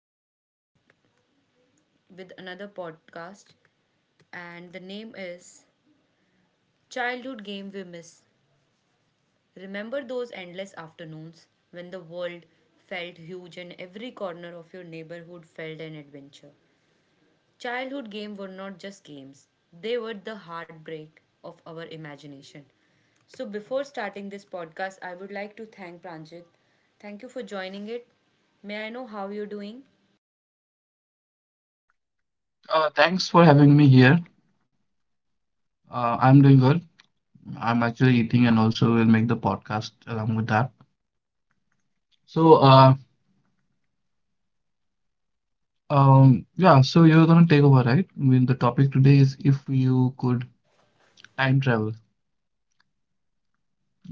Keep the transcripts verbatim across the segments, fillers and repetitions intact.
the topic with another podcast, and the name is Childhood Game We Miss. Remember those endless afternoons when the world felt huge and every corner of your neighborhood felt an adventure. Childhood games were not just games, they were the heartbreak of our imagination. So, before starting this podcast, I would like to thank Pranjit. Thank you for joining it. May I know how you're doing? Uh, thanks for having me here. Uh, I'm doing good. I'm actually eating and also will make the podcast along with that. So, uh, um, yeah, so you're gonna take over, right? I mean, the topic today is if you could time travel.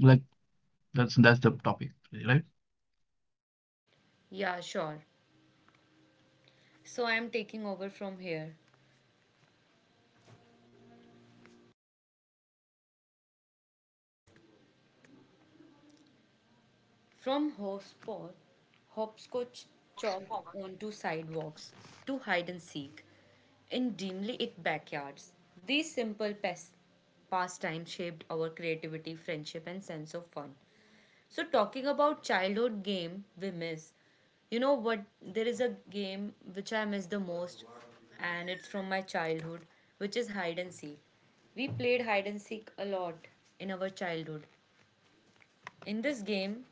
Like that's that's the topic, today, right? Yeah, sure. So, I am taking over from here. From horseport, hopscotch chalked onto sidewalks to hide and seek in dimly lit backyards. These simple pas- pastimes shaped our creativity, friendship, and sense of fun. So, talking about childhood game we miss, you know what? There is a game which I miss the most, and it's from my childhood, which is hide and seek. We played hide and seek a lot in our childhood. In this game,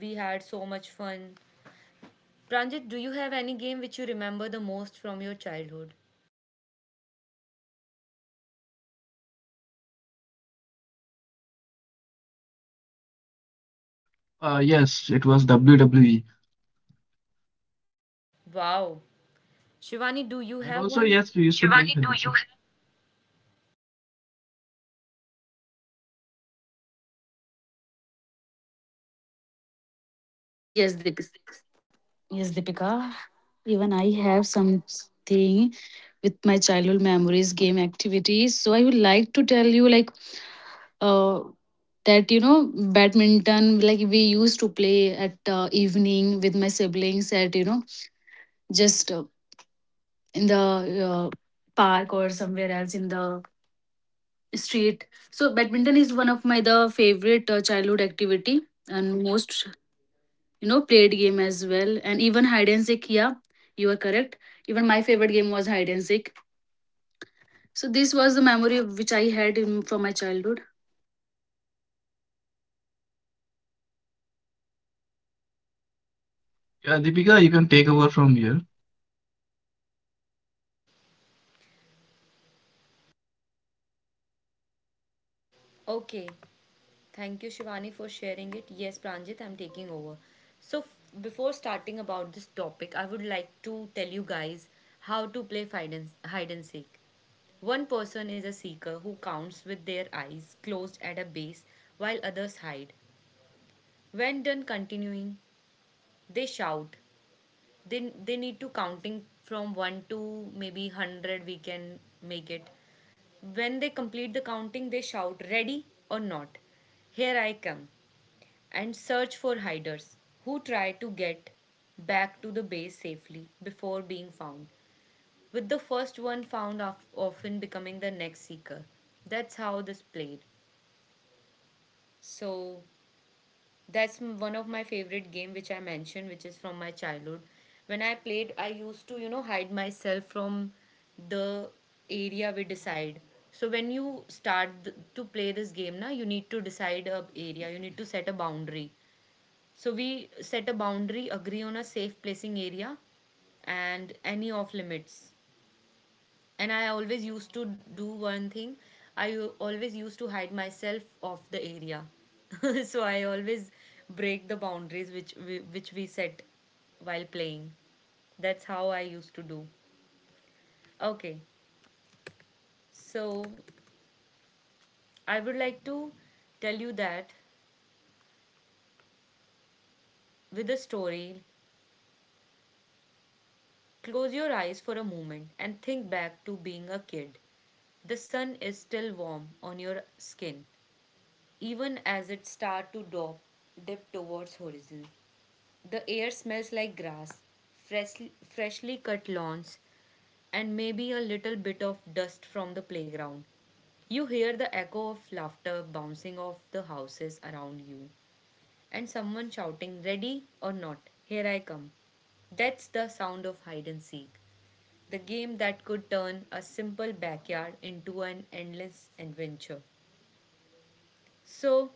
we had so much fun. Pranjit, do you have any game which you remember the most from your childhood? Uh, yes, it was W W E. Wow. Shivani, do you And have also, one? yes, we used to Shivani, play do you- Television. Yes, Deepika. Yes, Deepika. Even I have something with my childhood memories, game activities. So I would like to tell you, like, uh, that you know, badminton. Like we used to play at uh, evening with my siblings at you know, just uh, in the uh, park or somewhere else in the street. So badminton is one of my the favorite uh, childhood activity, and most you know played game as well, and even hide and seek. Yeah, you are correct, even my favorite game was hide and seek. So this was the memory which I had in, from my childhood. Yeah, Deepika, you can take over from here. Okay. Thank you, Shivani, for sharing it. Yes, Pranjit, I'm taking over. So, f- before starting about this topic, I would like to tell you guys how to play hide and, hide and seek. One person is a seeker who counts with their eyes closed at a base while others hide. When done continuing, they shout they they need to counting from one to maybe one hundred, we can make it. When they complete the counting, they shout ready or not, here I come, and search for hiders who try to get back to the base safely before being found, with the first one found of, often becoming the next seeker. That's how this played. So That's m- one of my favorite game which I mentioned, which is from my childhood. When I played, I used to, you know, hide myself from the area we decide. So when you start th- to play this game, na, you need to decide a area. You need to set a boundary. So we set a boundary, agree on a safe placing area, and any off limits. And I always used to do one thing. I u- always used to hide myself off the area. So I always break the boundaries which we, which we set while playing. That's how I used to do. Okay. So I would like to tell you that with a story, close your eyes for a moment and think back to being a kid. The sun is still warm on your skin, even as it starts to dop, dip towards horizon. The air smells like grass, freshly, freshly cut lawns, and maybe a little bit of dust from the playground. You hear the echo of laughter bouncing off the houses around you, and someone shouting, "Ready or not, here I come." That's the sound of hide and seek, the game that could turn a simple backyard into an endless adventure. So,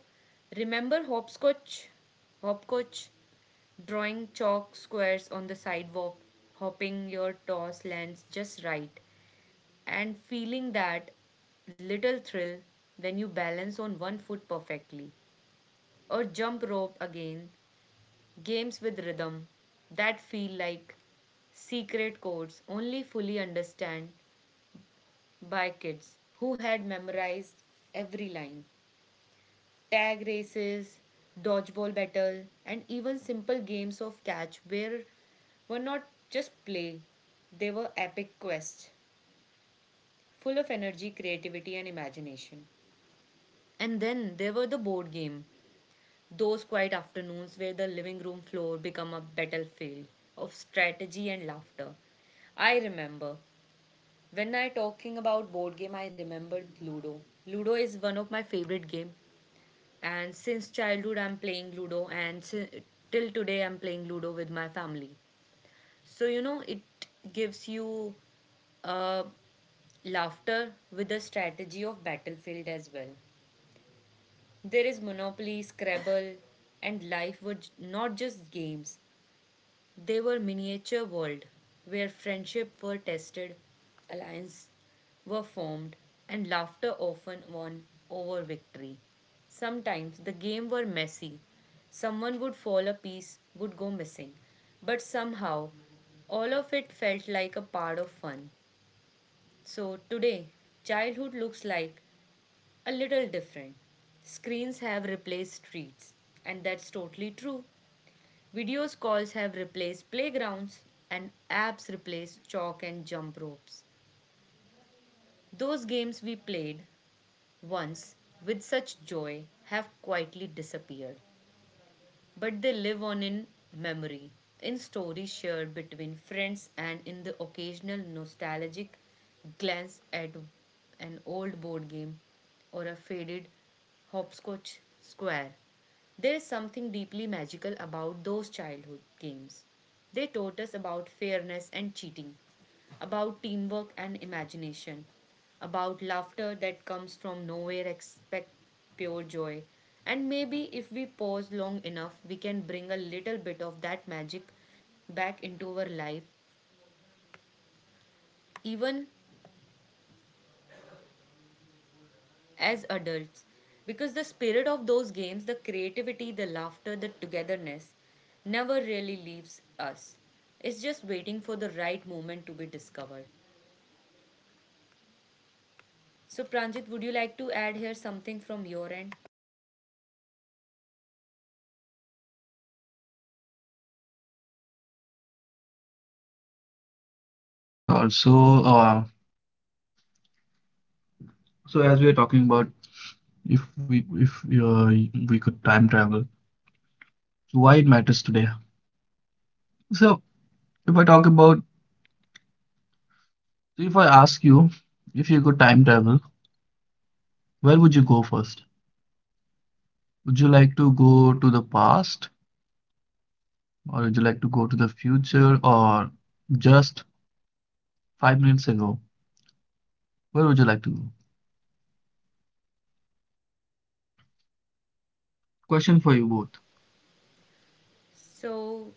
remember hopscotch? Hopscotch? Drawing chalk squares on the sidewalk, hopping your toss lands just right, and feeling that little thrill when you balance on one foot perfectly. Or jump rope again, games with rhythm that feel like secret codes only fully understand by kids who had memorized every line. Tag races, dodgeball battle, and even simple games of catch where were not just play, they were epic quests, full of energy, creativity, and imagination. And then there were the board game, those quiet afternoons where the living room floor become a battlefield of strategy and laughter. I remember when I talking about board game, I remembered Ludo. Ludo is one of my favorite game. And since childhood, I'm playing Ludo, and si- till today, I'm playing Ludo with my family. So, you know, it gives you uh, laughter with the strategy of Battlefield as well. There is Monopoly, Scrabble, and life were j- not just games, they were miniature world where friendship were tested, alliance were formed, and laughter often won over victory. Sometimes the game were messy. Someone would fall a piece, would go missing. But somehow, all of it felt like a part of fun. So today, childhood looks like a little different. Screens have replaced streets, and that's totally true. Video calls have replaced playgrounds and apps replace chalk and jump ropes. Those games we played once with such joy have quietly disappeared, but they live on in memory, in stories shared between friends, and in the occasional nostalgic glance at an old board game or a faded hopscotch square. There is something deeply magical about those childhood games. They taught us about fairness and cheating, about teamwork and imagination, about laughter that comes from nowhere, expect pure joy. And maybe if we pause long enough, we can bring a little bit of that magic back into our life, even as adults. Because the spirit of those games, the creativity, the laughter, the togetherness, never really leaves us. It's just waiting for the right moment to be discovered. So, Pranjit, would you like to add here something from your end? Uh, yeah, sure. So, uh, So as we are talking about if we if uh, we could time travel, so why it matters today. So if I talk about so if I ask you if you could time travel, where would you go first? Would you like to go to the past or would you like to go to the future or just five minutes ago? Where would you like to go? Question for you both. So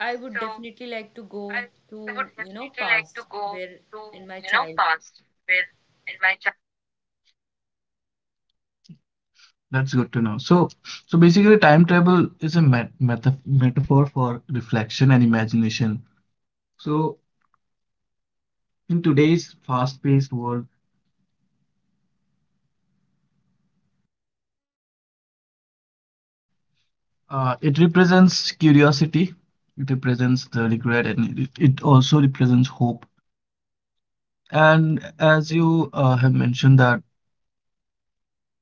I would definitely like to go to, you know, past where in my child. That's good to know. So so basically time travel is a met meta metaphor for reflection and imagination. So in today's fast-paced world, Uh, it represents curiosity, it represents the regret, and it, it also represents hope. And as you uh, have mentioned that,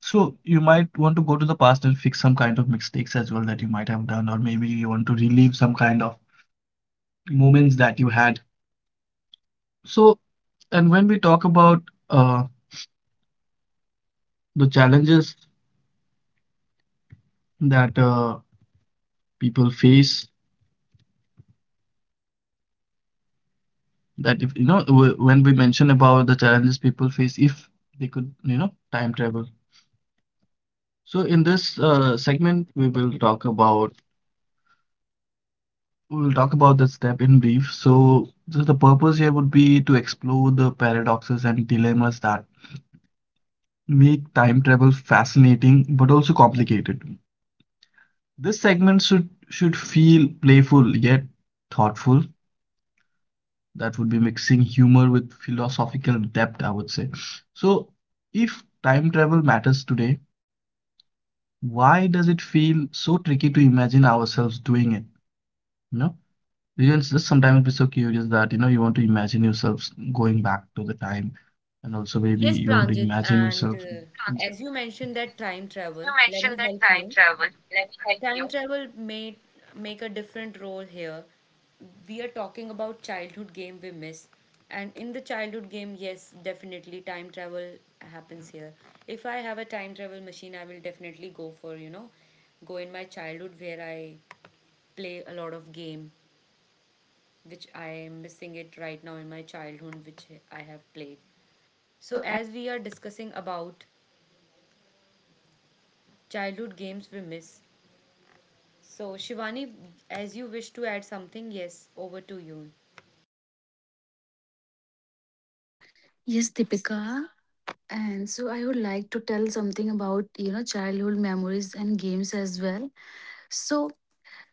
so you might want to go to the past and fix some kind of mistakes as well that you might have done, or maybe you want to relive some kind of moments that you had. So, and when we talk about uh, the challenges that uh, people face, that if you know, w- when we mention about the challenges people face, if they could, you know, time travel. So in this uh, segment, we will talk about we'll talk about the step in brief. So, so the purpose here would be to explore the paradoxes and dilemmas that make time travel fascinating but also complicated. This segment should should feel playful yet thoughtful. That would be mixing humor with philosophical depth, I would say. So, if time travel matters today, why does it feel so tricky to imagine ourselves doing it? You know? You'll just sometimes be so curious that you know you want to imagine yourself going back to the time, and also maybe Yes, you want to Pranjit, imagine and yourself. uh, as you mentioned that time travel, let me help you. Time travel may make a different role here. We are talking about childhood game we miss. And in the childhood game, yes, definitely time travel happens here. If I have a time travel machine, I will definitely go for, you know, go in my childhood where I play a lot of game which I am missing it right now in my childhood, which I have played. So, as we are discussing about childhood games we miss, so Shivani, as you wish to add something, yes, over to you. Yes, Deepika. And so I would like to tell something about, you know, childhood memories and games as well. So,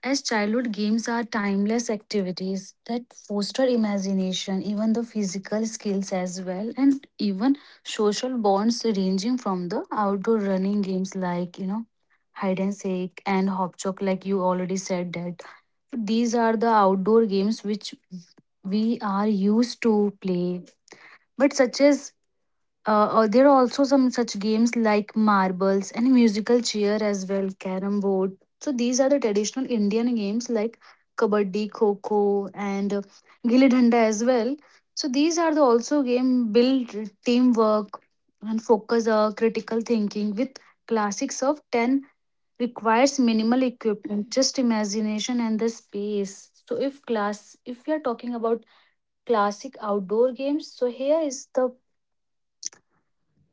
as childhood games are timeless activities that foster imagination, even the physical skills as well, and even social bonds ranging from the outdoor running games like, you know, hide and seek and hop, like you already said that. These are the outdoor games which we are used to play, but such as uh, uh, there are also some such games like marbles and musical chair as well, carom board. So these are the traditional Indian games like kabaddi, kho kho, and uh, gilli danda as well. So these are the also game build teamwork and focus uh, critical thinking with classics of ten requires minimal equipment, just imagination and the space. So if class, if we are talking about classic outdoor games, so here is the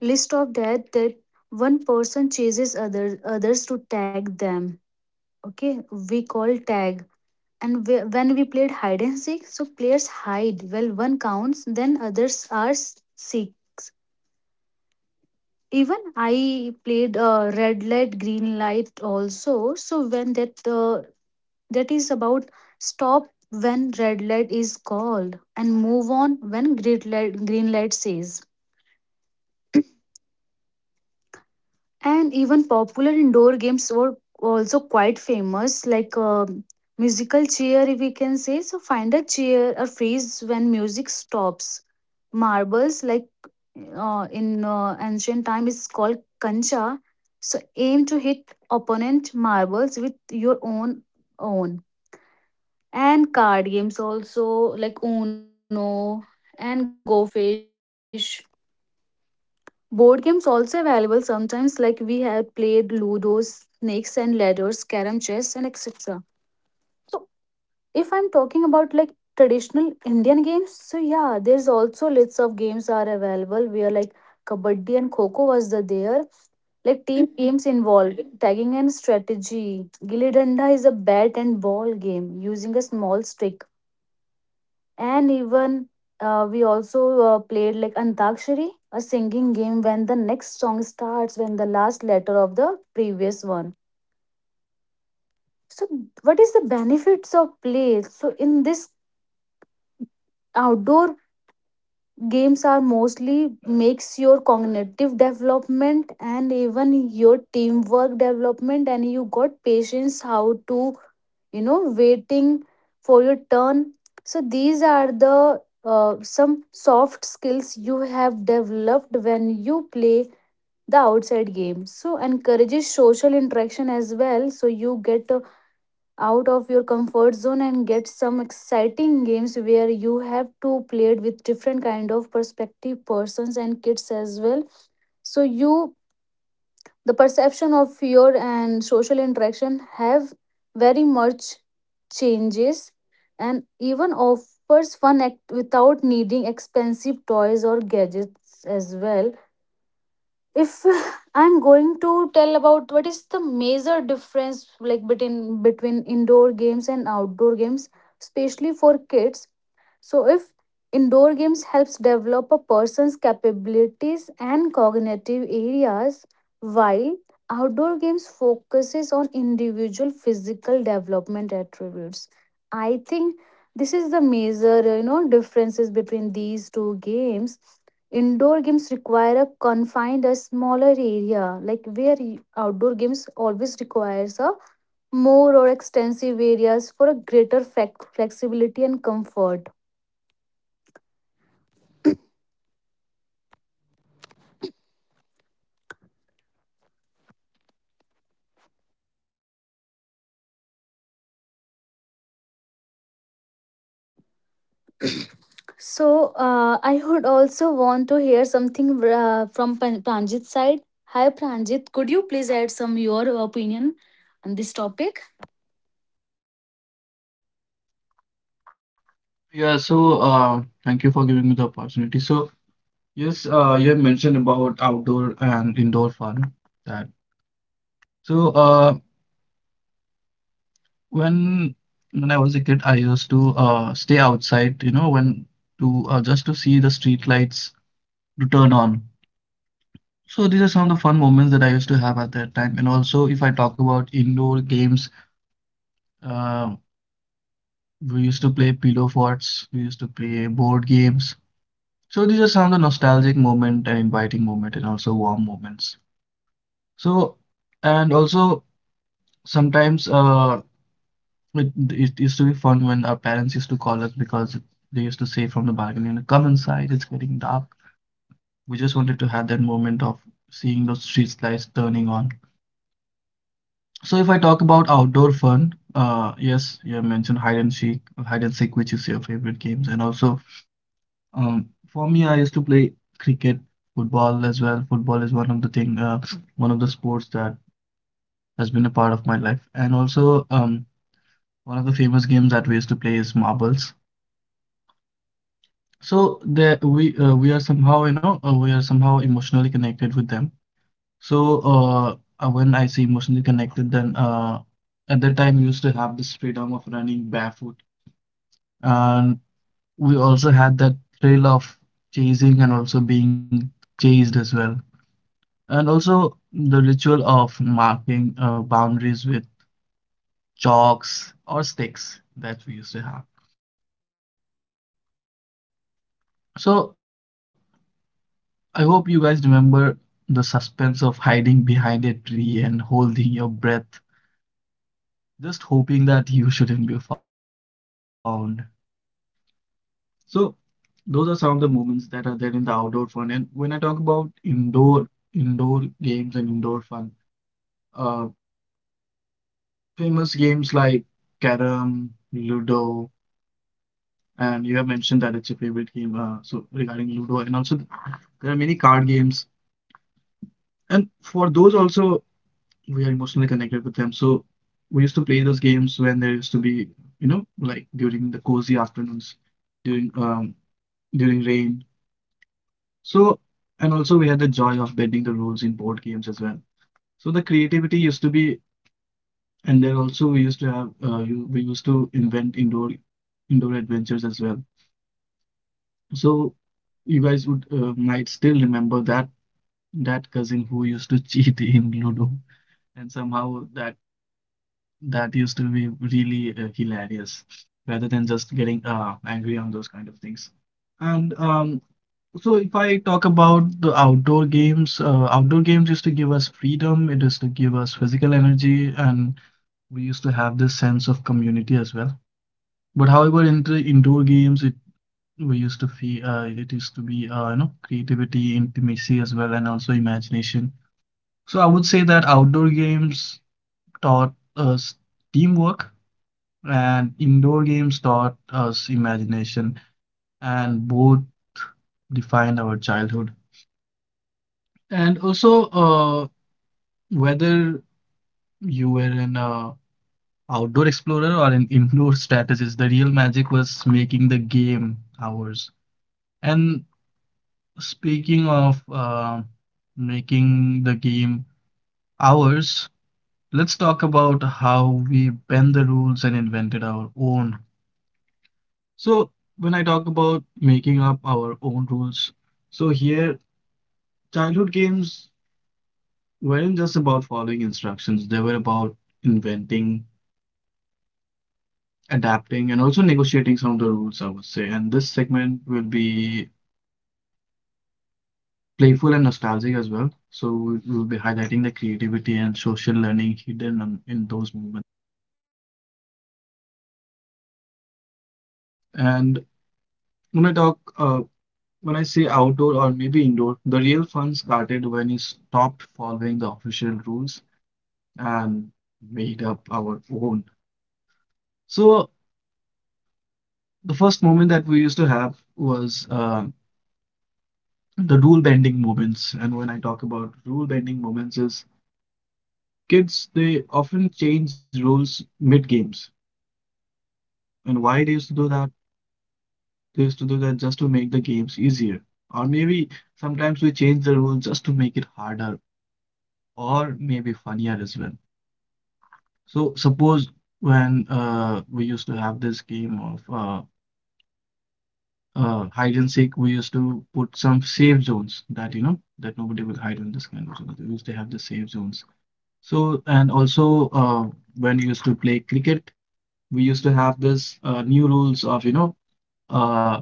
list of that that one person chases other others to tag them. Okay, we call tag. And we, when we played hide and seek, so players hide well, one counts, then others are s- seek. Even I played uh, red light green light also. So when that uh, that is about stop when red light is called, and move on when green light green light says. And even popular indoor games were also quite famous, like uh, musical chair, if we can say. So find a chair or freeze when music stops. Marbles, like uh, in uh, ancient time, is called kancha. So aim to hit opponent marbles with your own own. And card games also, like Uno and Go Fish. Board games also available sometimes, like we have played Ludo, Snakes and Ladders, Carom Chess and et cetera. So if I'm talking about Indian games, so yeah, there's also lots of games are available where like Kabaddi and Kho kho was the there. Like team games involved tagging and strategy. Gilly Danda is a bat and ball game using a small stick. And even uh, we also uh, played like Antakshari, a singing game when the next song starts, when the last letter of the previous one. So, what is the benefits of play? So, in this outdoor games are mostly makes your cognitive development and even your teamwork development, and you got patience how to you know waiting for your turn. So these are the uh, some soft skills you have developed when you play the outside game, so encourages social interaction as well. So you get out of your comfort zone and get some exciting games where you have to play it with different kind of perspective persons and kids as well. So you the perception of your and social interaction have very much changes, and even offers fun act without needing expensive toys or gadgets as well. If I'm going to tell about what is the major difference like between between indoor games and outdoor games, especially for kids. So if indoor games helps develop a person's capabilities and cognitive areas, while outdoor games focuses on individual physical development attributes, I think this is the major uh, you know differences between these two games. Indoor games require a confined a smaller area, like where y- outdoor games always requires a more or extensive areas for a greater flex- flexibility and comfort. So, uh, I would also want to hear something uh, from Pan- Pranjit's side. Hi, Pranjit. Could you please add some your opinion on this topic? Yeah, so uh, thank you for giving me the opportunity. So yes, uh, you have mentioned about outdoor and indoor fun. That so uh, When when I was a kid, I used to uh, stay outside. You know, when to uh, just to see the street lights to turn on. So these are some of the fun moments that I used to have at that time. And also, if I talk about indoor games. Uh, we used to play pillow forts. We used to play board games. So these are some of the nostalgic moment and inviting moment and also warm moments. So and also sometimes uh it, it used to be fun when our parents used to call us because they used to say from the balcony, you know, come inside, it's getting dark. We just wanted to have that moment of seeing those street lights turning on. So if I talk about outdoor fun, uh yes, you have mentioned hide and seek, hide and seek, which is your favorite games, and also Um, for me, I used to play cricket, football as well. Football is one of the thing, uh, one of the sports that has been a part of my life. And also, um, one of the famous games that we used to play is marbles. So there, we uh, we are somehow, you know, uh, we are somehow emotionally connected with them. So uh, uh, when I say emotionally connected, then uh, at that time we used to have this freedom of running barefoot, and we also had that thrill of chasing and also being chased as well. And also the ritual of marking uh, boundaries with chalks or sticks that we used to have. So I hope you guys remember the suspense of hiding behind a tree and holding your breath, just hoping that you shouldn't be found. So those are some of the moments that are there in the outdoor fun. And when I talk about indoor indoor games and indoor fun, uh, famous games like Carrom, Ludo. And you have mentioned that it's your favorite game. Uh, so regarding Ludo, and also there are many card games, and for those also we are emotionally connected with them. So we used to play those games when there used to be, you know, like during the cozy afternoons, during um during rain. So and also we had the joy of bending the rules in board games as well. So the creativity used to be, and then also we used to have, uh, you, we used to invent indoor indoor adventures as well. So you guys would uh, might still remember that that cousin who used to cheat in Ludo, and somehow that that used to be really uh, hilarious, rather than just getting uh, angry on those kind of things. And um, So if I talk about the outdoor games, uh, outdoor games used to give us freedom. It used to give us physical energy, and we used to have this sense of community as well. But however, in the indoor games, it we used to feel uh, it used to be uh, you know creativity, intimacy as well, and also imagination. So I would say that outdoor games taught us teamwork, and indoor games taught us imagination, and both defined our childhood. And also, uh, whether you were an uh, outdoor explorer or an indoor strategist, the real magic was making the game ours. And speaking of uh, making the game ours, let's talk about how we bend the rules and invented our own. So, when I talk about making up our own rules, so here, childhood games weren't just about following instructions, they were about inventing, adapting, and also negotiating some of the rules, I would say. And this segment will be playful and nostalgic as well. So we'll be highlighting the creativity and social learning hidden in those moments. And when I talk, uh, when I say outdoor or maybe indoor, the real fun started when we stopped following the official rules and made up our own. So the first moment that we used to have was uh, the rule bending moments. And when I talk about rule bending moments, is kids they often change rules mid games. And why they used to do that? This to do that just to make the games easier. Or maybe sometimes we change the rules just to make it harder or maybe funnier as well. So suppose when uh, we used to have this game of uh, uh, hide and seek, we used to put some safe zones that you know that nobody will hide in this kind of zone. We used to have the safe zones. So and also uh, when we used to play cricket, we used to have this uh, new rules of you know uh,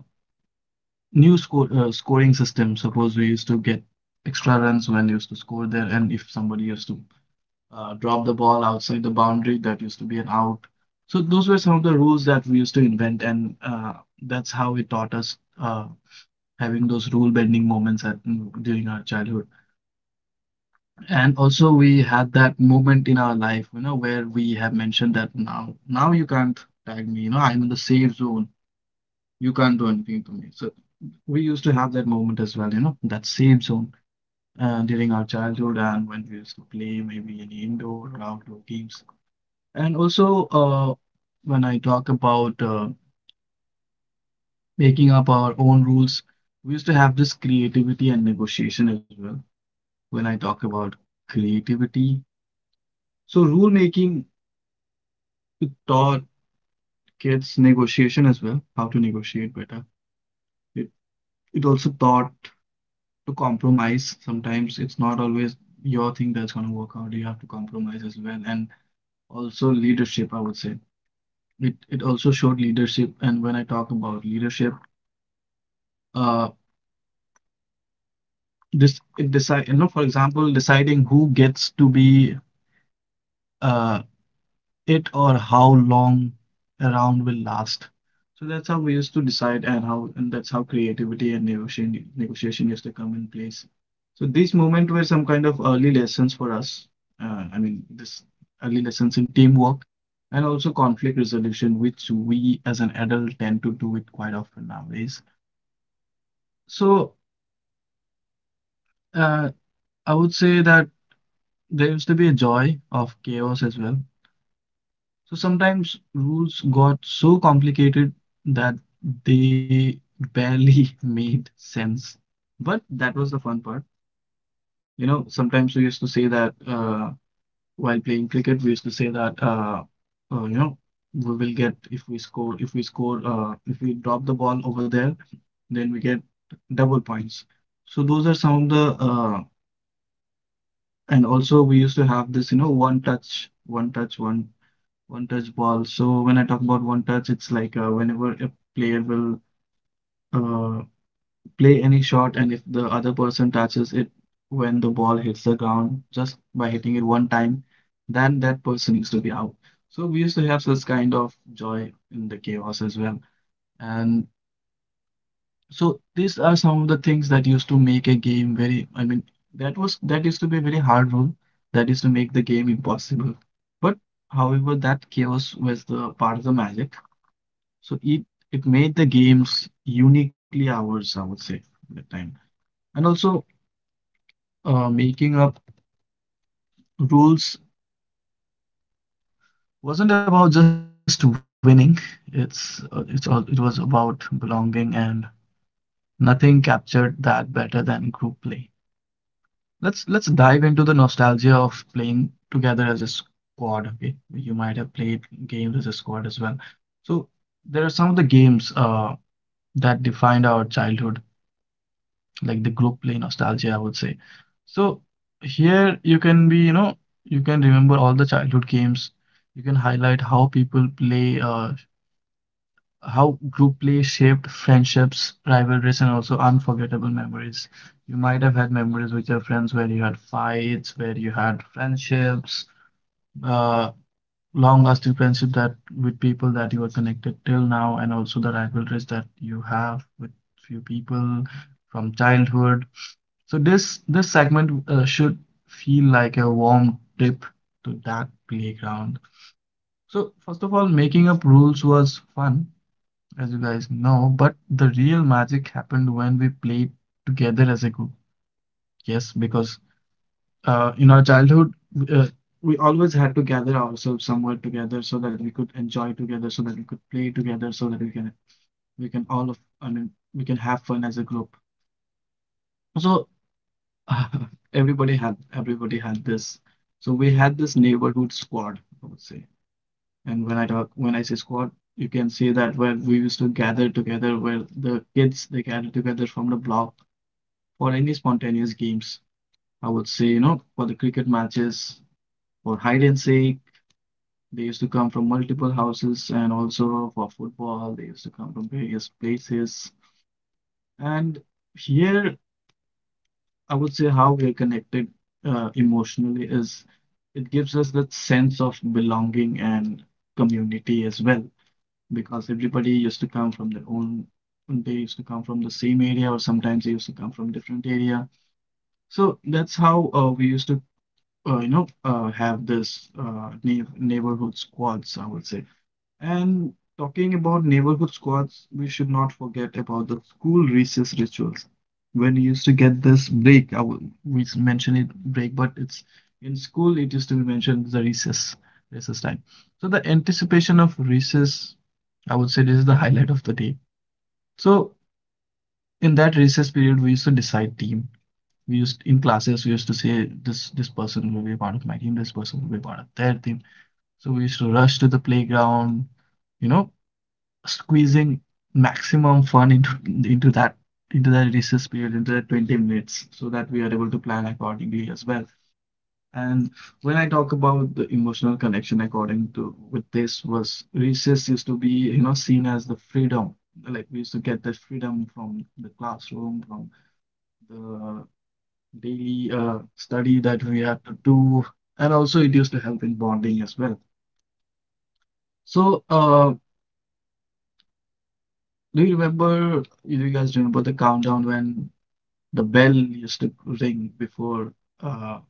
new score uh, scoring system. Suppose we used to get extra runs when we used to score there, and if somebody used to uh, drop the ball outside the boundary, that used to be an out. So those were some of the rules that we used to invent, and uh, that's how it taught us uh, having those rule bending moments at, mm, during our childhood. And also we had that moment in our life, you know, where we have mentioned that now, now you can't tag me, you know, I'm in the safe zone. You can't do anything to me. So we used to have that moment as well, you know, that safe zone uh, during our childhood and when we used to play maybe any indoor or outdoor games. And also, uh, when I talk about uh, making up our own rules, we used to have this creativity and negotiation as well. When I talk about creativity, so rule making it taught kids negotiation as well, how to negotiate better. It it also taught to compromise. Sometimes it's not always your thing that's going to work out. You have to compromise as well, and also leadership, I would say it, it also showed leadership. And when I talk about leadership, uh this it decide you know for example deciding who gets to be uh it or how long a round will last. So that's how we used to decide and how and that's how creativity and negotiation negotiation used to come in place. So these moments were some kind of early lessons for us, uh, I mean this early lessons in teamwork and also conflict resolution which we as an adult tend to do it quite often nowadays. So Uh, I would say that there used to be a joy of chaos as well. So sometimes rules got so complicated that they barely made sense. But that was the fun part. You know, sometimes we used to say that uh, while playing cricket, we used to say that uh, uh, you know we will get if we score if we score uh, if we drop the ball over there, then we get double points. So those are some of the uh, And also we used to have this, you know, one touch, one touch, one one touch ball. So when I talk about one touch, it's like uh, whenever a player will uh, play any shot, and if the other person touches it when the ball hits the ground, just by hitting it one time, then that person used to be out. So we used to have such kind of joy in the chaos as well. And So these are some of the things that used to make a game very, I mean, that was that used to be a very hard rule that used to make the game impossible. But however, that chaos was the part of the magic. So it it made the games uniquely ours, I would say, at the time. And also, uh, making up rules wasn't about just winning. It's uh, it's all it was about belonging, and nothing captured that better than group play. Let's let's dive into the nostalgia of playing together as a squad. Okay, you might have played games as a squad as well. So there are some of the games uh, that defined our childhood, like the group play nostalgia, I would say. So here you can be, you know, you can remember all the childhood games. You can highlight how people play uh, how group play shaped friendships, rivalries, and also unforgettable memories. You might have had memories with your friends where you had fights, where you had friendships, uh, long-lasting friendship that with people that you are connected till now, and also the rivalries that you have with few people from childhood. So this this segment uh, should feel like a warm trip to that playground. So first of all, making up rules was fun as you guys know, but the real magic happened when we played together as a group. Yes, because uh, in our childhood, uh, we always had to gather ourselves somewhere together so that we could enjoy together, so that we could play together, so that we can we can all of I mean we can have fun as a group. So everybody had everybody had this. So we had this neighborhood squad, I would say. And when I talk when I say squad, you can see that where we used to gather together, where the kids they gather together from the block for any spontaneous games. I would say, you know, for the cricket matches, for hide and seek, they used to come from multiple houses, and also for football, they used to come from various places. And here, I would say how we are connected uh, emotionally is it gives us that sense of belonging and community as well, because everybody used to come from their own, they used to come from the same area, or sometimes they used to come from different area. So that's how uh, we used to uh, you know, uh, have this uh, neigh neighborhood squads, I would say. And talking about neighborhood squads, we should not forget about the school recess rituals. When you used to get this break, I will, we s- mention it break, but it's in school it used to be mentioned the recess recess time. So the anticipation of recess, I would say, this is the highlight of the day. So in that recess period, we used to decide team we used in classes we used to say this this person will be a part of my team, this person will be a part of their team. So we used to rush to the playground, you know, squeezing maximum fun into into that into that recess period, into that twenty minutes, so that we are able to plan accordingly as well. And when I talk about the emotional connection according to with this was, recess used to be, you know, seen as the freedom. Like we used to get the freedom from the classroom, from the daily uh, study that we had to do, and also it used to help in bonding as well. So, uh, do you remember, do you guys remember the countdown when the bell used to ring before uh,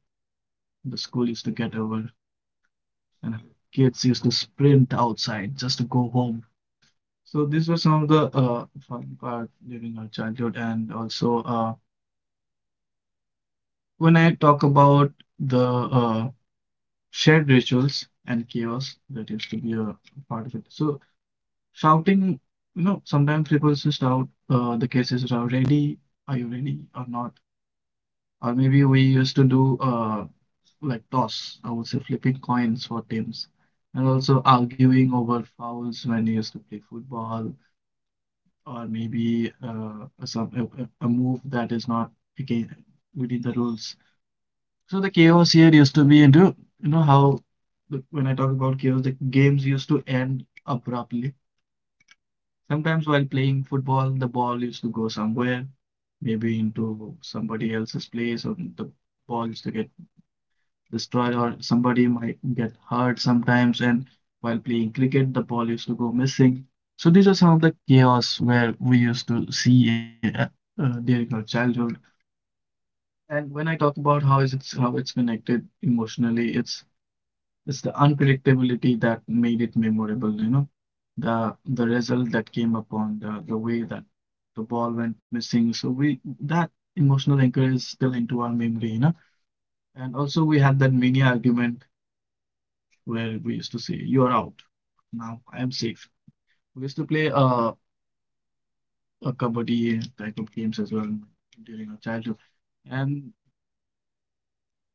the school used to get over, and kids used to sprint outside just to go home? So these were some of the uh, fun part during our childhood, and also uh, when I talk about the uh, shared rituals and chaos that used to be a part of it. So shouting, you know, sometimes people just shout uh, the cases are ready, are you ready or not? Or maybe we used to do uh, like toss, I would say flipping coins for teams, and also arguing over fouls when you used to play football, or maybe uh, some a, a a move that is not again within the rules. So the chaos here used to be into, you know, how the, when I talk about chaos, the games used to end abruptly. Sometimes while playing football, the ball used to go somewhere, maybe into somebody else's place, or the ball used to get destroyed, or somebody might get hurt sometimes. And while playing cricket, the ball used to go missing. So these are some of the chaos where we used to see uh, uh, during our childhood. And when I talk about how is it's how it's connected emotionally, it's it's the unpredictability that made it memorable, you know. The the result that came upon the the way that the ball went missing. So we that emotional anchor is still into our memory, you know. And also we had that mini argument where we used to say, "You're out. Now I am safe." We used to play uh, a kabaddi type of games as well during our childhood. And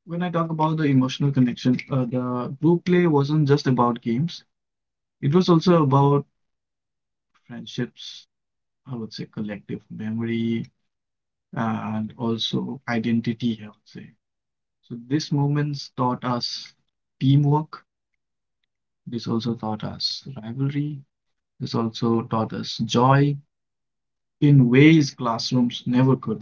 when I talk about the emotional connection, uh, the group play wasn't just about games. It was also about friendships, I would say, collective memory uh, and also identity, I would say. So these moments taught us teamwork. This also taught us rivalry. This also taught us joy in ways classrooms never could.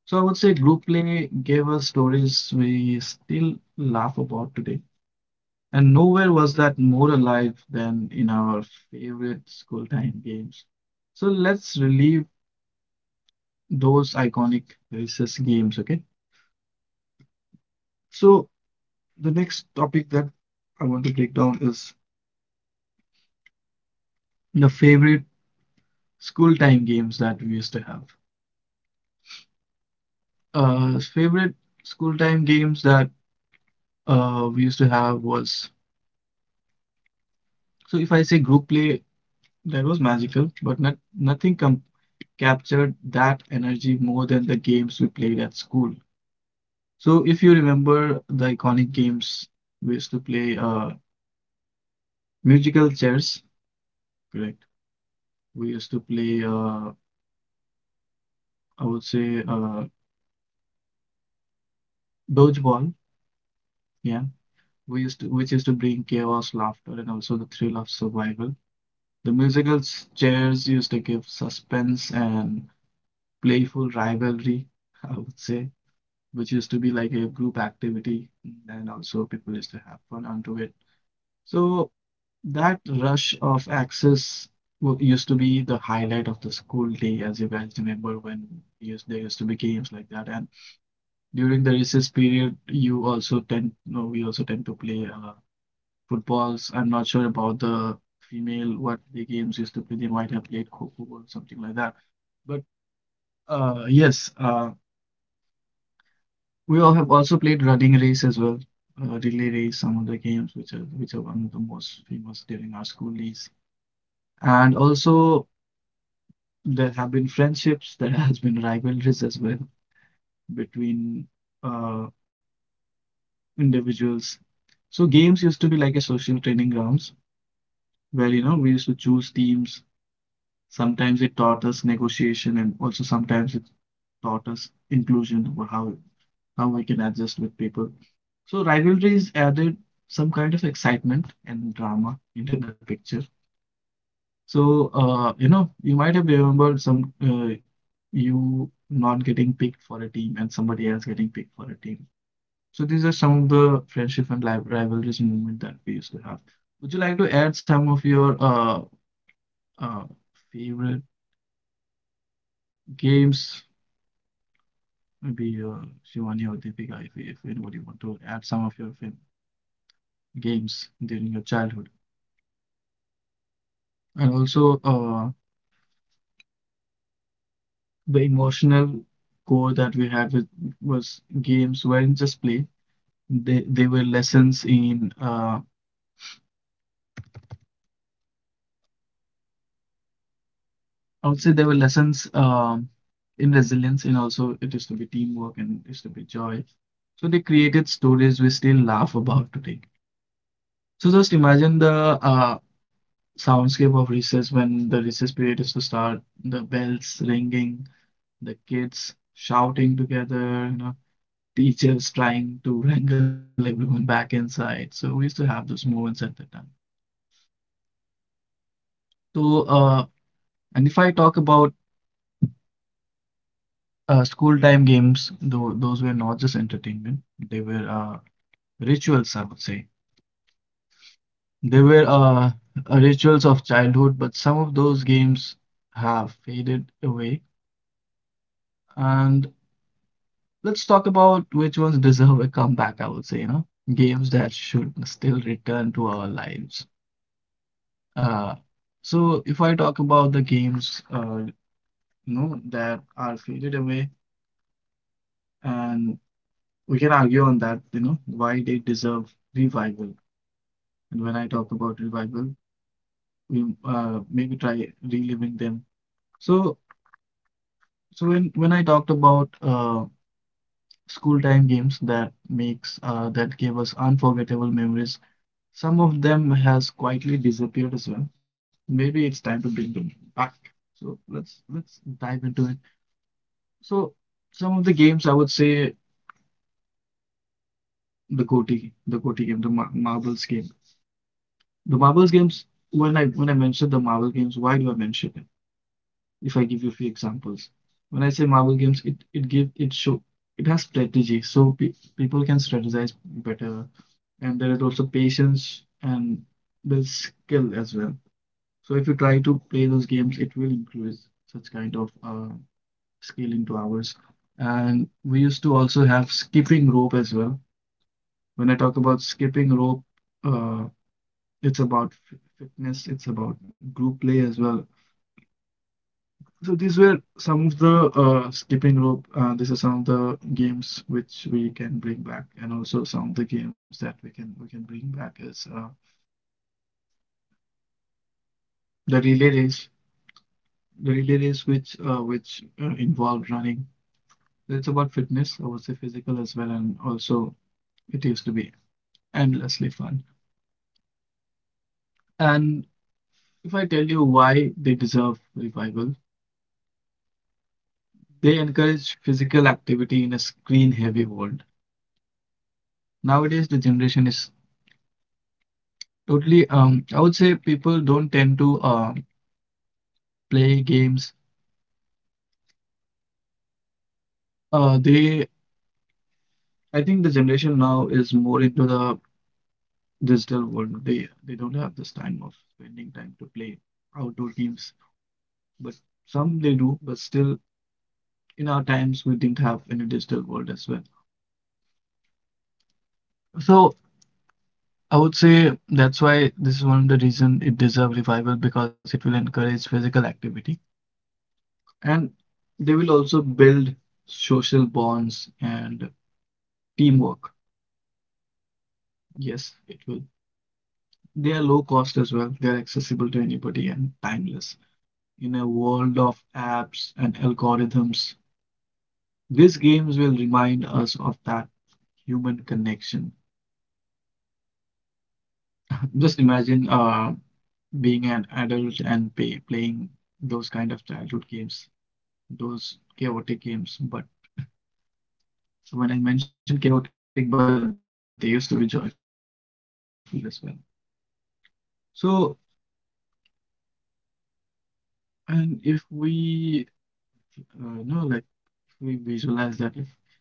So I would say group play gave us stories we still laugh about today. And nowhere was that more alive than in our favorite school time games. So let's relive those iconic recess games, okay? So the next topic that I want to break down is the favorite school time games that we used to have. Uh, favorite school time games that uh, we used to have was, so if I say group play, that was magical, but not nothing com captured that energy more than the games we played at school. So if you remember the iconic games we used to play, uh, musical chairs, correct? We used to play, uh, I would say, uh, dodgeball. Yeah, we used to, which used to bring chaos, laughter, and also the thrill of survival. The musical chairs used to give suspense and playful rivalry, I would say, which used to be like a group activity, and also people used to have fun onto it. So that rush of access wa- used to be the highlight of the school day, as you guys remember when we used, there used to be games like that. And during the recess period, you also tend, no, we also tend to play. Uh, footballs. I'm not sure about the female what the games used to play. They might have played Kho-Kho or something like that. But uh, yes, uh, we all have also played running race as well, uh, relay race, some of the games which are which are one of the most famous during our school days. And also there have been friendships, there has been rivalries as well between uh, individuals. So games used to be like a social training grounds where you know we used to choose teams. Sometimes it taught us negotiation and also sometimes it taught us inclusion, or how how we can adjust with people. So rivalries added some kind of excitement and drama into the picture. So uh, you know you might have remembered some uh, you not getting picked for a team and somebody else getting picked for a team. So these are some of the friendship and li rivalries moment that we used to have. Would you like to add some of your uh, uh, favorite games? Maybe uh, Shivani or Deepika, if, if anybody want to add some of your fav- games during your childhood. And also, uh, the emotional core that we had with was games weren't just play. They they were lessons in uh, I would say they were lessons um, in resilience, and also it used to be teamwork and it used to be joy. So they created stories we still laugh about today. So just imagine the uh, soundscape of recess when the recess period is to start, the bells ringing, the kids shouting together, you know, teachers trying to wrangle everyone back inside. So we used to have those moments at that time. So, uh, and if I talk about uh, school time games, though those were not just entertainment, they were uh, rituals, I would say. They were uh, uh, rituals of childhood, but some of those games have faded away. And Let's talk about which ones deserve a comeback, I would say, you know, games that should still return to our lives. Uh, so if I talk about the games, uh, you know, that are faded away, and we can argue on that, you know, why they deserve revival. And when I talk about revival, we uh, maybe try reliving them. So, so when when I talked about uh, school time games that makes uh, that gave us unforgettable memories. Some of them has quietly disappeared as well. Maybe it's time to bring them back. So let's let's dive into it. So some of the games I would say the Goti, the Goti game, the Mar marbles game. The marbles games, when I when I mention the marble games, why do I mention it? If I give you a few examples. When I say marble games, it it give it show it has strategy, so pe people can strategize better. And there is also patience and there's skill as well. So if you try to play those games, it will increase such kind of uh, skill into hours. And we used to also have skipping rope as well. When I talk about skipping rope, uh, it's about fitness, it's about group play as well. So these were some of the uh, skipping rope. Uh, these are some of the games which we can bring back, and also some of the games that we can we can bring back is uh, the relay race, the relay race which uh, which uh, involved running. It's about fitness, I would say physical as well, and also it used to be endlessly fun. And if I tell you why they deserve revival, they encourage physical activity in a screen-heavy world. Nowadays, the generation is totally, um, I would say people don't tend to uh, play games. Uh, they, I think the generation now is more into the digital world. They they don't have this time of spending time to play outdoor games, but some they do, but still in our times we didn't have any digital world as well. So I would say that's why this is one of the reason it deserves revival because it will encourage physical activity and they will also build social bonds and teamwork. Yes, it will. They are low cost as well. They are accessible to anybody and timeless. In a world of apps and algorithms, these games will remind us of that human connection. Just imagine uh, being an adult and pay, playing those kind of childhood games, those chaotic games. But so when I mentioned chaotic, but they used to be joyful as well. So, and if we uh, know, like, if we visualize that, if, if we uh, vision that for revival,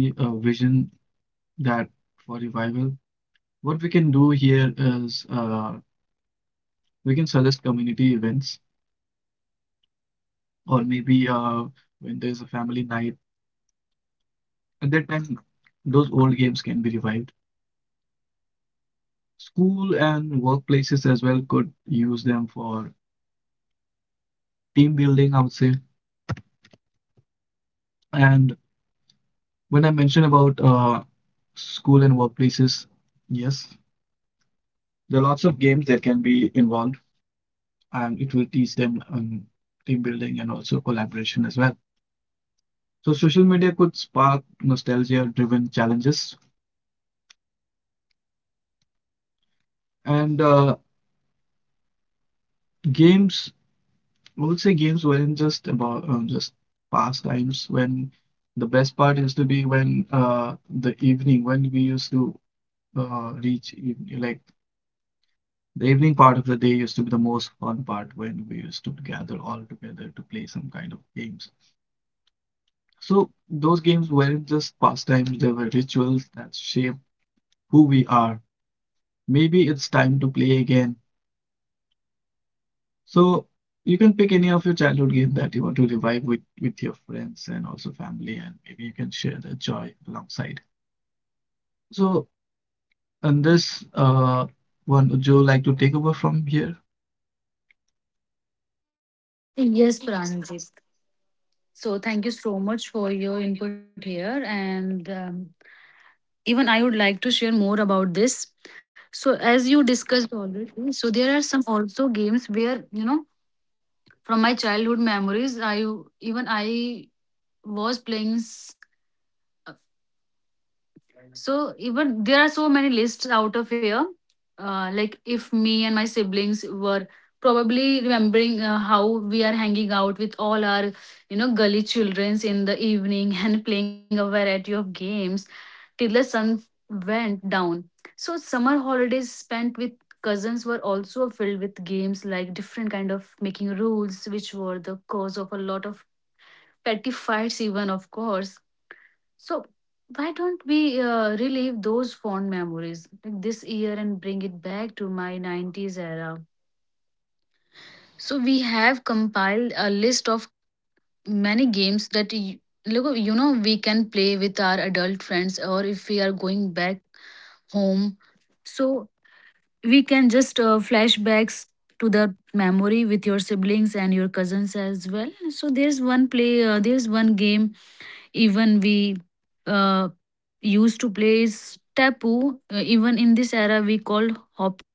what we can do here is uh, we can suggest community events or maybe uh, when there's a family night. At that time, those old games can be revived. School and workplaces as well could use them for team building, I would say. And when I mention about uh, school and workplaces, yes, there are lots of games that can be involved, and it will teach them um, team building and also collaboration as well. So social media could spark nostalgia-driven challenges, and uh, games I would say games weren't just about um, just pastimes when the best part used to be when uh the evening when we used to uh reach even, like the evening part of the day used to be the most fun part when we used to gather all together to play some kind of games. So those games weren't just pastimes, they were rituals that shape who we are. Maybe it's time to play again. So you can pick any of your childhood game that you want to revive with with your friends and also family, and maybe you can share the joy alongside. So on this uh, one, would you like to take over from here? Yes, Pranjit. So thank you so much for your input here, and um, even I would like to share more about this. So as you discussed already, so there are some also games where you know from my childhood memories, I even I was playing. s- uh, So even there are so many lists out of here. Uh, like if me and my siblings were probably remembering uh, how we are hanging out with all our you know gully childrens in the evening and playing a variety of games till the sun went down. So summer holidays spent with cousins were also filled with games like different kind of making rules, which were the cause of a lot of petty fights even, of course. So why don't we uh, relive those fond memories like this year and bring it back to my nineties era? So we have compiled a list of many games that y- look, you know we can play with our adult friends or if we are going back home. So we can just uh, flashbacks to the memory with your siblings and your cousins as well. So there's one play, uh, there's one game. Even we uh, used to play is tapu. Uh, even in this era, we called hopscotch.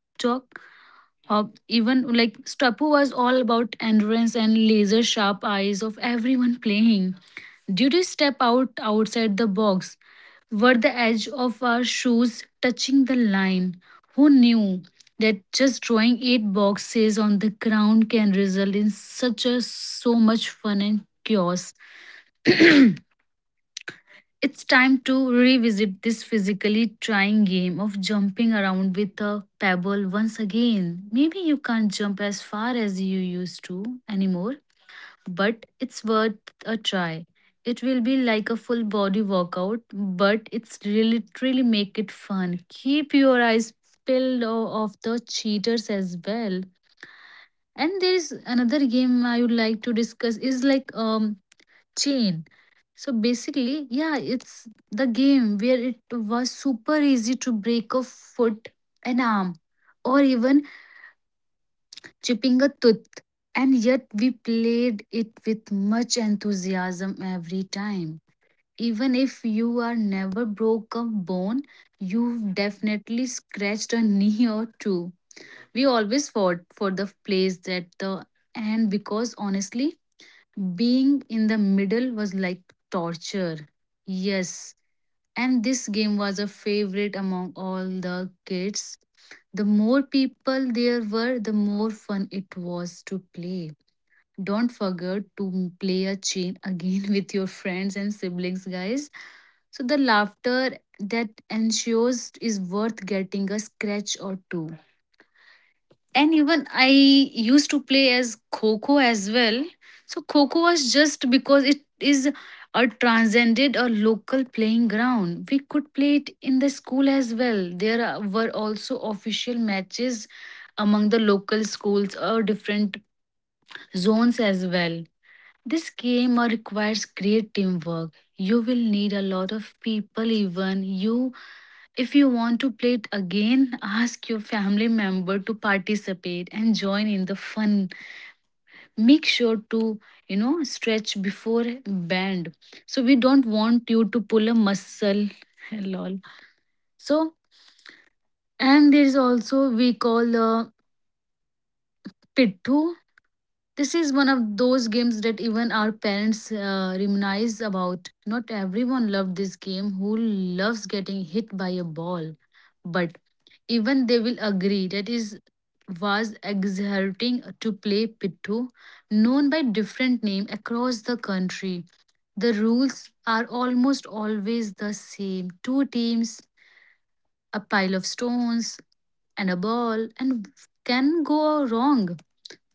Hop, even like tapu was all about endurance and laser sharp eyes of everyone playing. Did you step out outside the box? Were the edge of our shoes touching the line? Who knew that just drawing eight boxes on the ground can result in such a so much fun and chaos? It's time to revisit this physically trying game of jumping around with a pebble once again. Maybe you can't jump as far as you used to anymore, but it's worth a try. It will be like a full body workout, but it's really really make it fun. Keep your eyes peeled o- off the cheaters as well. And there is another game I would like to discuss is like um chain. So basically, yeah, it's the game where it was super easy to break a foot, an arm, or even chipping a tooth. And yet we played it with much enthusiasm every time. Even if you are never broke a bone, you've definitely scratched a knee or two. We always fought for the place at the end, because honestly, being in the middle was like torture. Yes, and this game was a favorite among all the kids. The more people there were, the more fun it was to play. Don't forget to play a chain again with your friends and siblings, guys. So, the laughter that ensues is worth getting a scratch or two. And even I used to play as kho as well. So kho was just because it is a transcended a local playing ground. We could play it in the school as well. There are- were also official matches among the local schools or different zones as well. This game uh, requires great teamwork. You will need a lot of people, even you. If you want to play it again, ask your family member to participate and join in the fun. Make sure to, you know, stretch before band. So we don't want you to pull a muscle. Lol. So, and there is also we call uh, pittu. This is one of those games that even our parents uh, reminisce about. Not everyone loved this game who loves getting hit by a ball, but even they will agree that is was exhilarating to play Pittu, known by different name across the country. The rules are almost always the same. Two teams, a pile of stones, and a ball and can go wrong.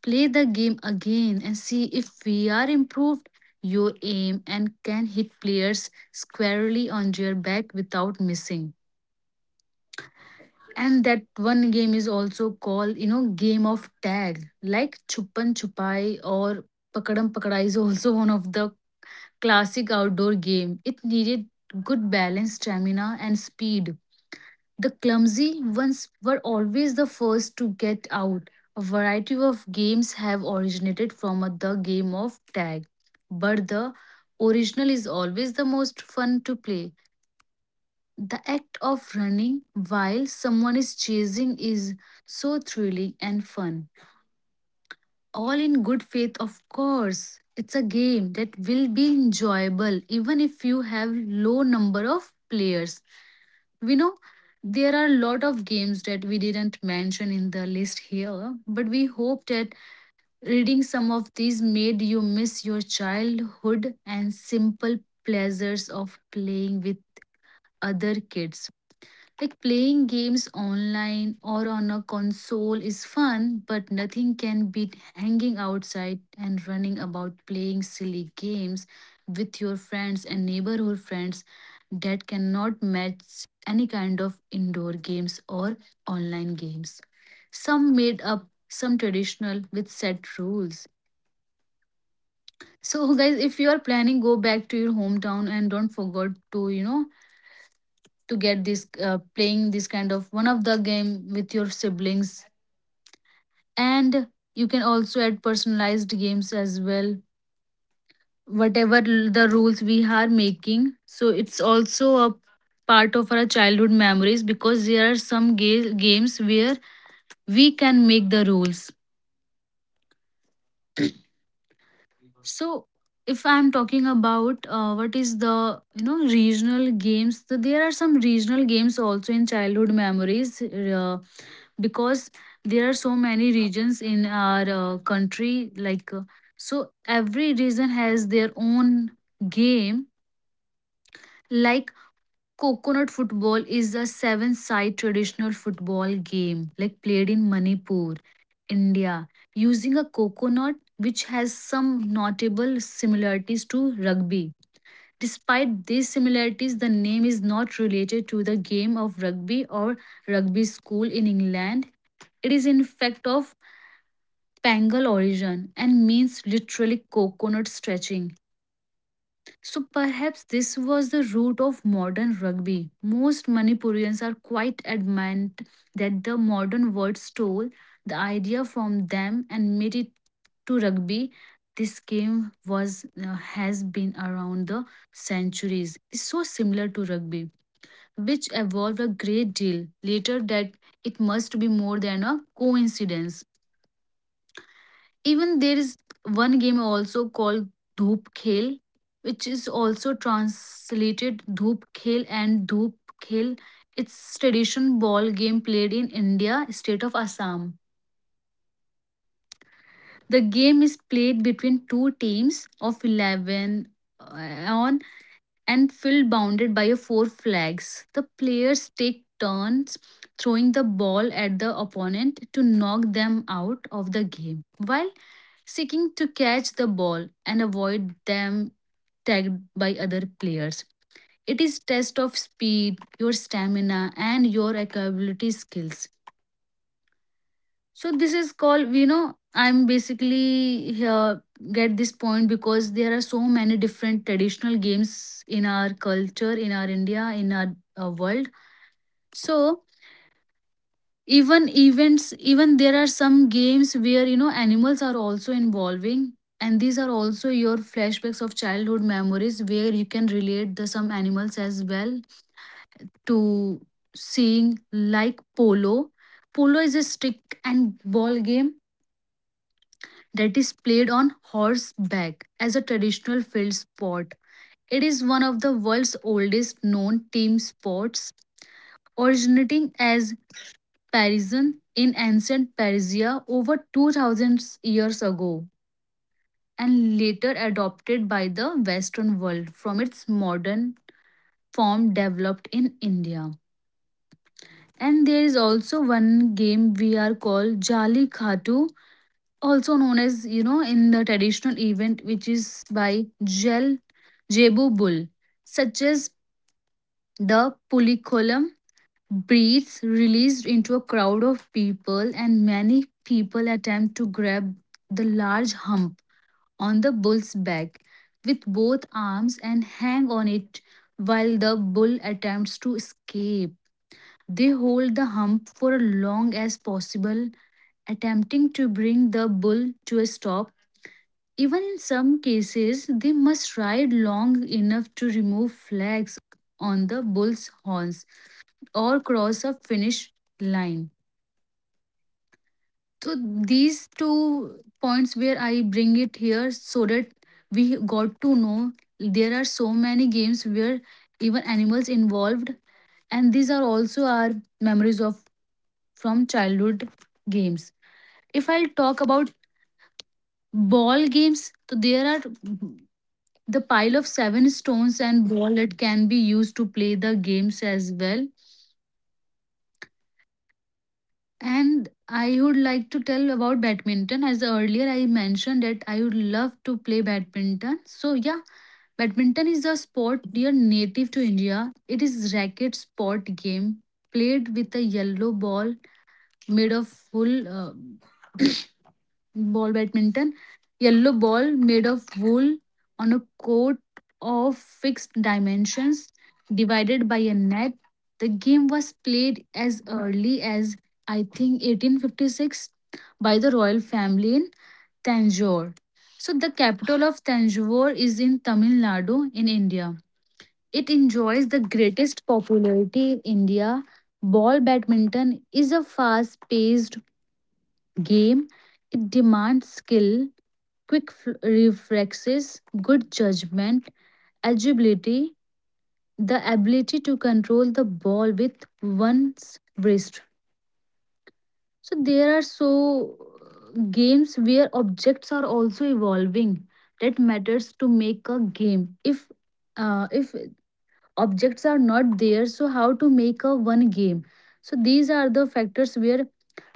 Play the game again and see if we are improved your aim and can hit players squarely on their back without missing. And that one game is also called, you know, game of tag, like Chupan Chupai or Pakadam Pakadai is also one of the classic outdoor game. It needed good balance, stamina, and speed. The clumsy ones were always the first to get out. A variety of games have originated from a- the game of tag, but the original is always the most fun to play. The act of running while someone is chasing is so thrilling and fun. All in good faith, of course. It's a game that will be enjoyable even if you have low number of players. We know there are a lot of games that we didn't mention in the list here, but we hope that reading some of these made you miss your childhood and simple pleasures of playing with other kids. Like playing games online or on a console is fun, but nothing can beat hanging outside and running about playing silly games with your friends and neighborhood friends that cannot match any kind of indoor games or online games. Some made up, some traditional with set rules. So guys, if you are planning, go back to your hometown and don't forget to, you know, to get this uh, playing this kind of one of the game with your siblings, and you can also add personalized games as well, whatever l- the rules we are making, so it's also a part of our childhood memories, because there are some ga- games where we can make the rules. So if I'm talking about uh, what is the you know regional games, so there are some regional games also in childhood memories, uh, because there are so many regions in our uh, country like uh, so every region has their own game, like coconut football is a seven side traditional football game like played in Manipur, India, using a coconut, which has some notable similarities to rugby. Despite these similarities, the name is not related to the game of rugby or rugby school in England. It is in fact of Bengal origin and means literally coconut stretching. So perhaps this was the root of modern rugby. Most Manipurians are quite adamant that the modern word stole the idea from them and made it to rugby. This game was uh, has been around the centuries. It's so similar to rugby, which evolved a great deal later, that it must be more than a coincidence. Even there is one game also called Dhoop Khel, which is also translated Dhoop Khel and Dhoop Khel. It's tradition ball game played in India, state of Assam. The game is played between two teams of eleven, uh, on and field bounded by a four flags. The players take turns throwing the ball at the opponent to knock them out of the game, while seeking to catch the ball and avoid them tagged by other players. It is test of speed, your stamina, and your accountability skills. So this is called, you know, I'm basically here get this point, because there are so many different traditional games in our culture, in our India, in our uh, world. So even events, even there are some games where you know animals are also involving, and these are also your flashbacks of childhood memories where you can relate the some animals as well to seeing like polo. Polo is a stick and ball game that is played on horseback as a traditional field sport. It is one of the world's oldest known team sports, originating as Parisian in ancient Persia over two thousand years ago, and later adopted by the Western world from its modern form developed in India. And there is also one game we are called Jali Khatu, also known as, you know, in the traditional event, which is by Jel Jebu Bull, such as the Pulikollam breeds released into a crowd of people, and many people attempt to grab the large hump on the bull's back with both arms and hang on it while the bull attempts to escape. They hold the hump for as long as possible, attempting to bring the bull to a stop. Even in some cases, they must ride long enough to remove flags on the bull's horns or cross a finish line. So these two points where I bring it here so that we got to know there are so many games where even animals involved, and these are also our memories of from childhood games. If I'll talk about ball games, so there are the pile of seven stones and ball that can be used to play the games as well. And I would like to tell about badminton. As earlier I mentioned that I would love to play badminton. So yeah, badminton is a sport dear native to India. It is racket sport game played with a yellow ball made of full uh, ball badminton, yellow ball made of wool on a court of fixed dimensions divided by a net. The game was played as early as I think eighteen fifty-six by the royal family in Tanjore. So the capital of Tanjore is in Tamil Nadu in India. It enjoys the greatest popularity in India. Ball badminton is a fast paced game. It demands skill, quick reflexes, good judgment, agility, the ability to control the ball with one's wrist. So there are so uh, games where objects are also evolving. That matters to make a game. If uh, if objects are not there, so how to make a one game? So these are the factors where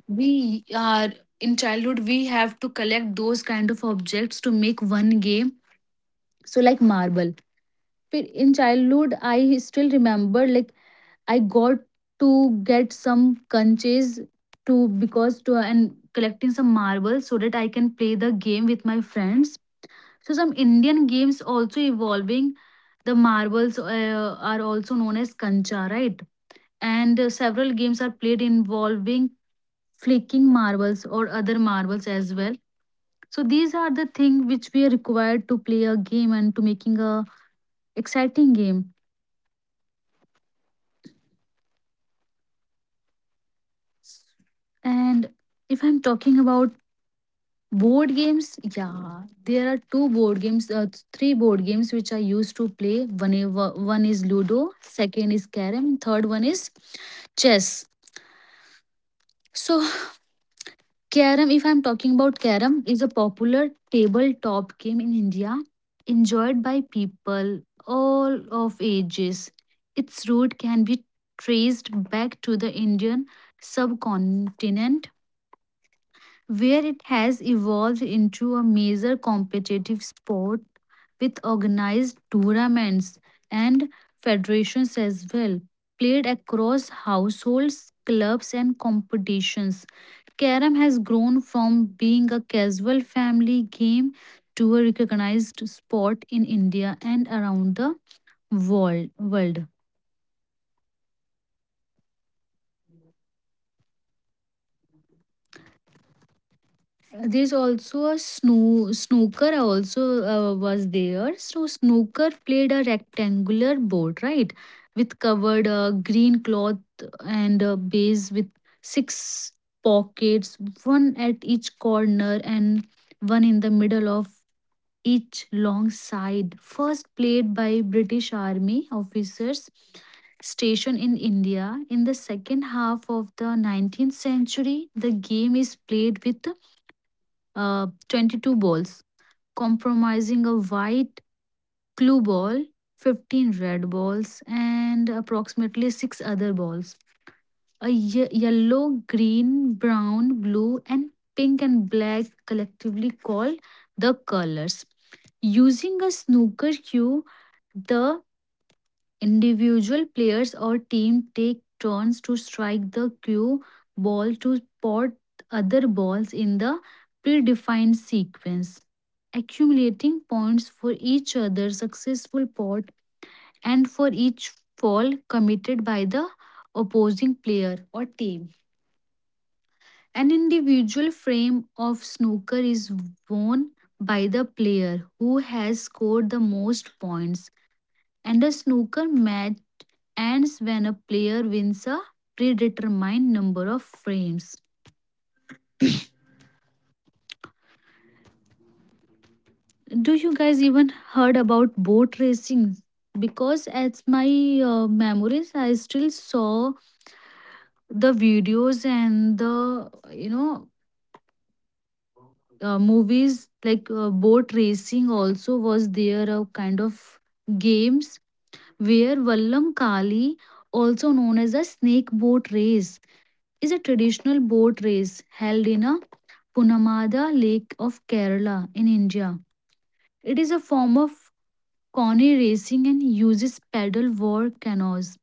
we are in childhood we have to collect those kind of objects to make one game, so like marble. But in childhood, I still remember like I got to get some conches to, because to and collecting some marbles so that I can play the game with my friends. So some Indian games also evolving. The marbles uh, are also known as kancha, right? And uh, several games are played involving flicking marbles or other marbles as well. So these are the thing which we are required to play a game and to making a exciting game. And if I'm talking about board games, yeah, there are two board games, uh, three board games which I used to play. One, i- one is Ludo, second is Carrom, and third one is chess. So, Carrom, if I'm talking about Carrom, is a popular tabletop game in India, enjoyed by people all of ages. Its root can be traced back to the Indian subcontinent, where it has evolved into a major competitive sport with organized tournaments and federations as well, played across households, clubs, and competitions. Karam has grown from being a casual family game to a recognized sport in India and around the world. world. There's also a sno- snooker also uh, was there. So snooker played a rectangular board, right, with covered uh, green cloth and a base with six pockets, one at each corner and one in the middle of each long side. First played by British army officers stationed in India in the second half of the nineteenth century, the game is played with uh, twenty-two balls, compromising a white clue ball, fifteen red balls, and approximately six other balls. A ye- yellow, green, brown, blue, and pink and black collectively called the colors. Using a snooker cue, the individual players or team take turns to strike the cue ball to spot other balls in the predefined sequence, accumulating points for each other successful pot and for each fall committed by the opposing player or team. An individual frame of snooker is won by the player who has scored the most points, and a snooker match ends when a player wins a predetermined number of frames. Do you guys even heard about boat racing? Because as my uh, memories, I still saw the videos and the you know uh, movies like uh, boat racing. Also, was there a kind of games where Vallam Kali, also known as a snake boat race, is a traditional boat race held in a Punamada Lake of Kerala in India. It is a form of coney racing and uses paddle war canoes.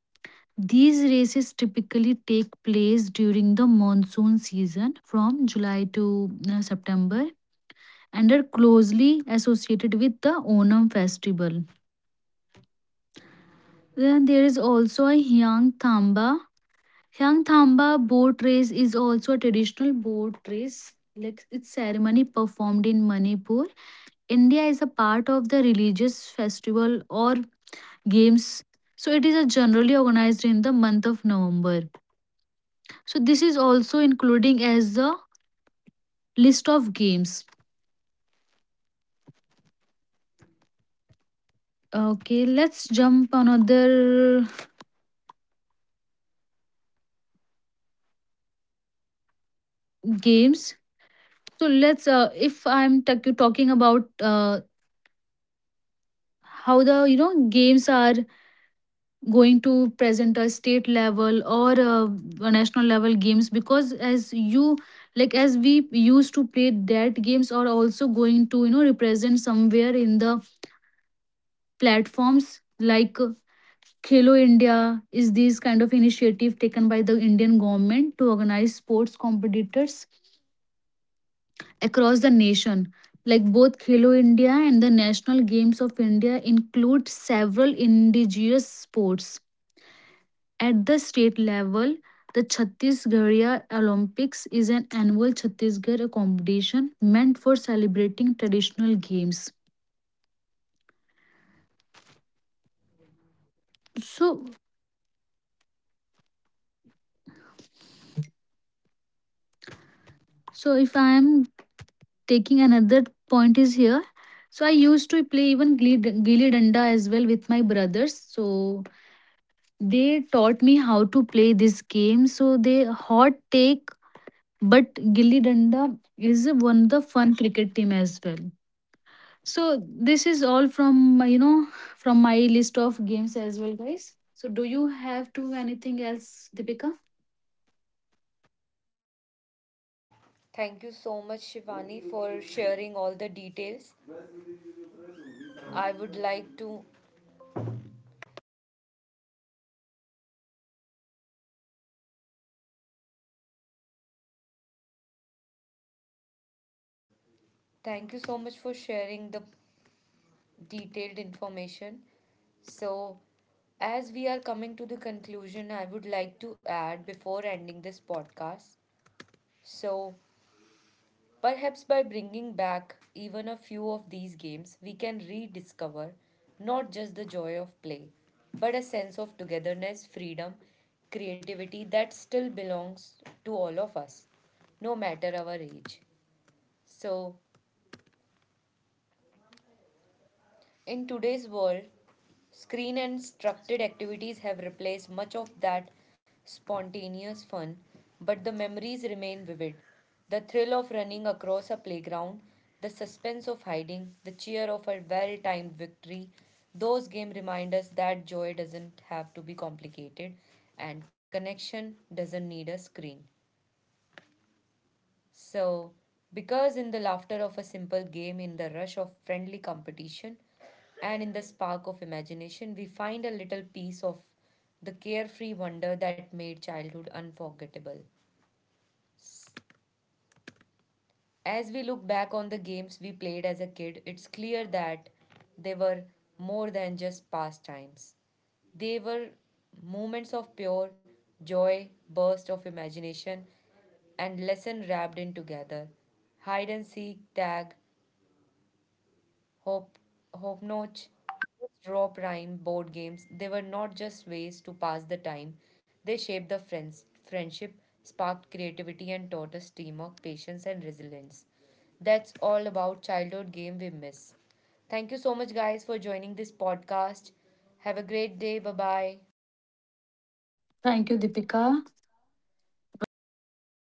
These races typically take place during the monsoon season from July to uh, September, and are closely associated with the Onam festival. Then there is also a Hyang Thamba. Hyang Thamba boat race is also a traditional boat race, like its ceremony performed in Manipur India is a part of the religious festival or games. So it is a generally organized in the month of November. So this is also including as the list of games. Okay, let's jump on other games. So let's uh, if I'm t- talking about uh, how the you know games are going to present a state level or uh, a national level games, because as you like as we used to play that games are also going to you know represent somewhere in the platforms like uh, Khelo India is this kind of initiative taken by the Indian government to organize sports competitors across the nation. Like both Khelo India and the National Games of India include several indigenous sports. At the state level, the Chhattisgarhia Olympics is an annual Chhattisgarh competition meant for celebrating traditional games. So, so if I am taking another point is here, so I used to play even gilli gilli danda as well with my brothers. So they taught me how to play this game. So they hot take, but gilli danda is one of the fun cricket team as well. So this is all from my- you know from my list of games as well, guys. So do you have to anything else, Deepika? Thank you so much, Shivani, for sharing all the details. I would like to thank you so much for sharing the detailed information. So, as we are coming to the conclusion, I would like to add before ending this podcast. So, perhaps by bringing back even a few of these games, we can rediscover not just the joy of play, but a sense of togetherness, freedom, creativity that still belongs to all of us, no matter our age. So, in today's world, screen and structured activities have replaced much of that spontaneous fun, but the memories remain vivid. The thrill of running across a playground, the suspense of hiding, the cheer of a well timed victory, those games remind us that joy doesn't have to be complicated and connection doesn't need a screen. So, because in the laughter of a simple game, in the rush of friendly competition, and in the spark of imagination, we find a little piece of the carefree wonder that made childhood unforgettable. As we look back on the games we played as a kid, it's clear that they were more than just pastimes. They were moments of pure joy, burst of imagination, and lesson wrapped in together. Hide and seek, tag, hop, hopnotch, drop rhyme, board games. They were not just ways to pass the time, they shaped the friends, friendship, sparked creativity, and taught us teamwork, patience, and resilience. That's all about childhood game we miss. Thank you so much, guys, for joining this podcast. Have a great day. Bye bye. Thank you, Deepika. It was really a great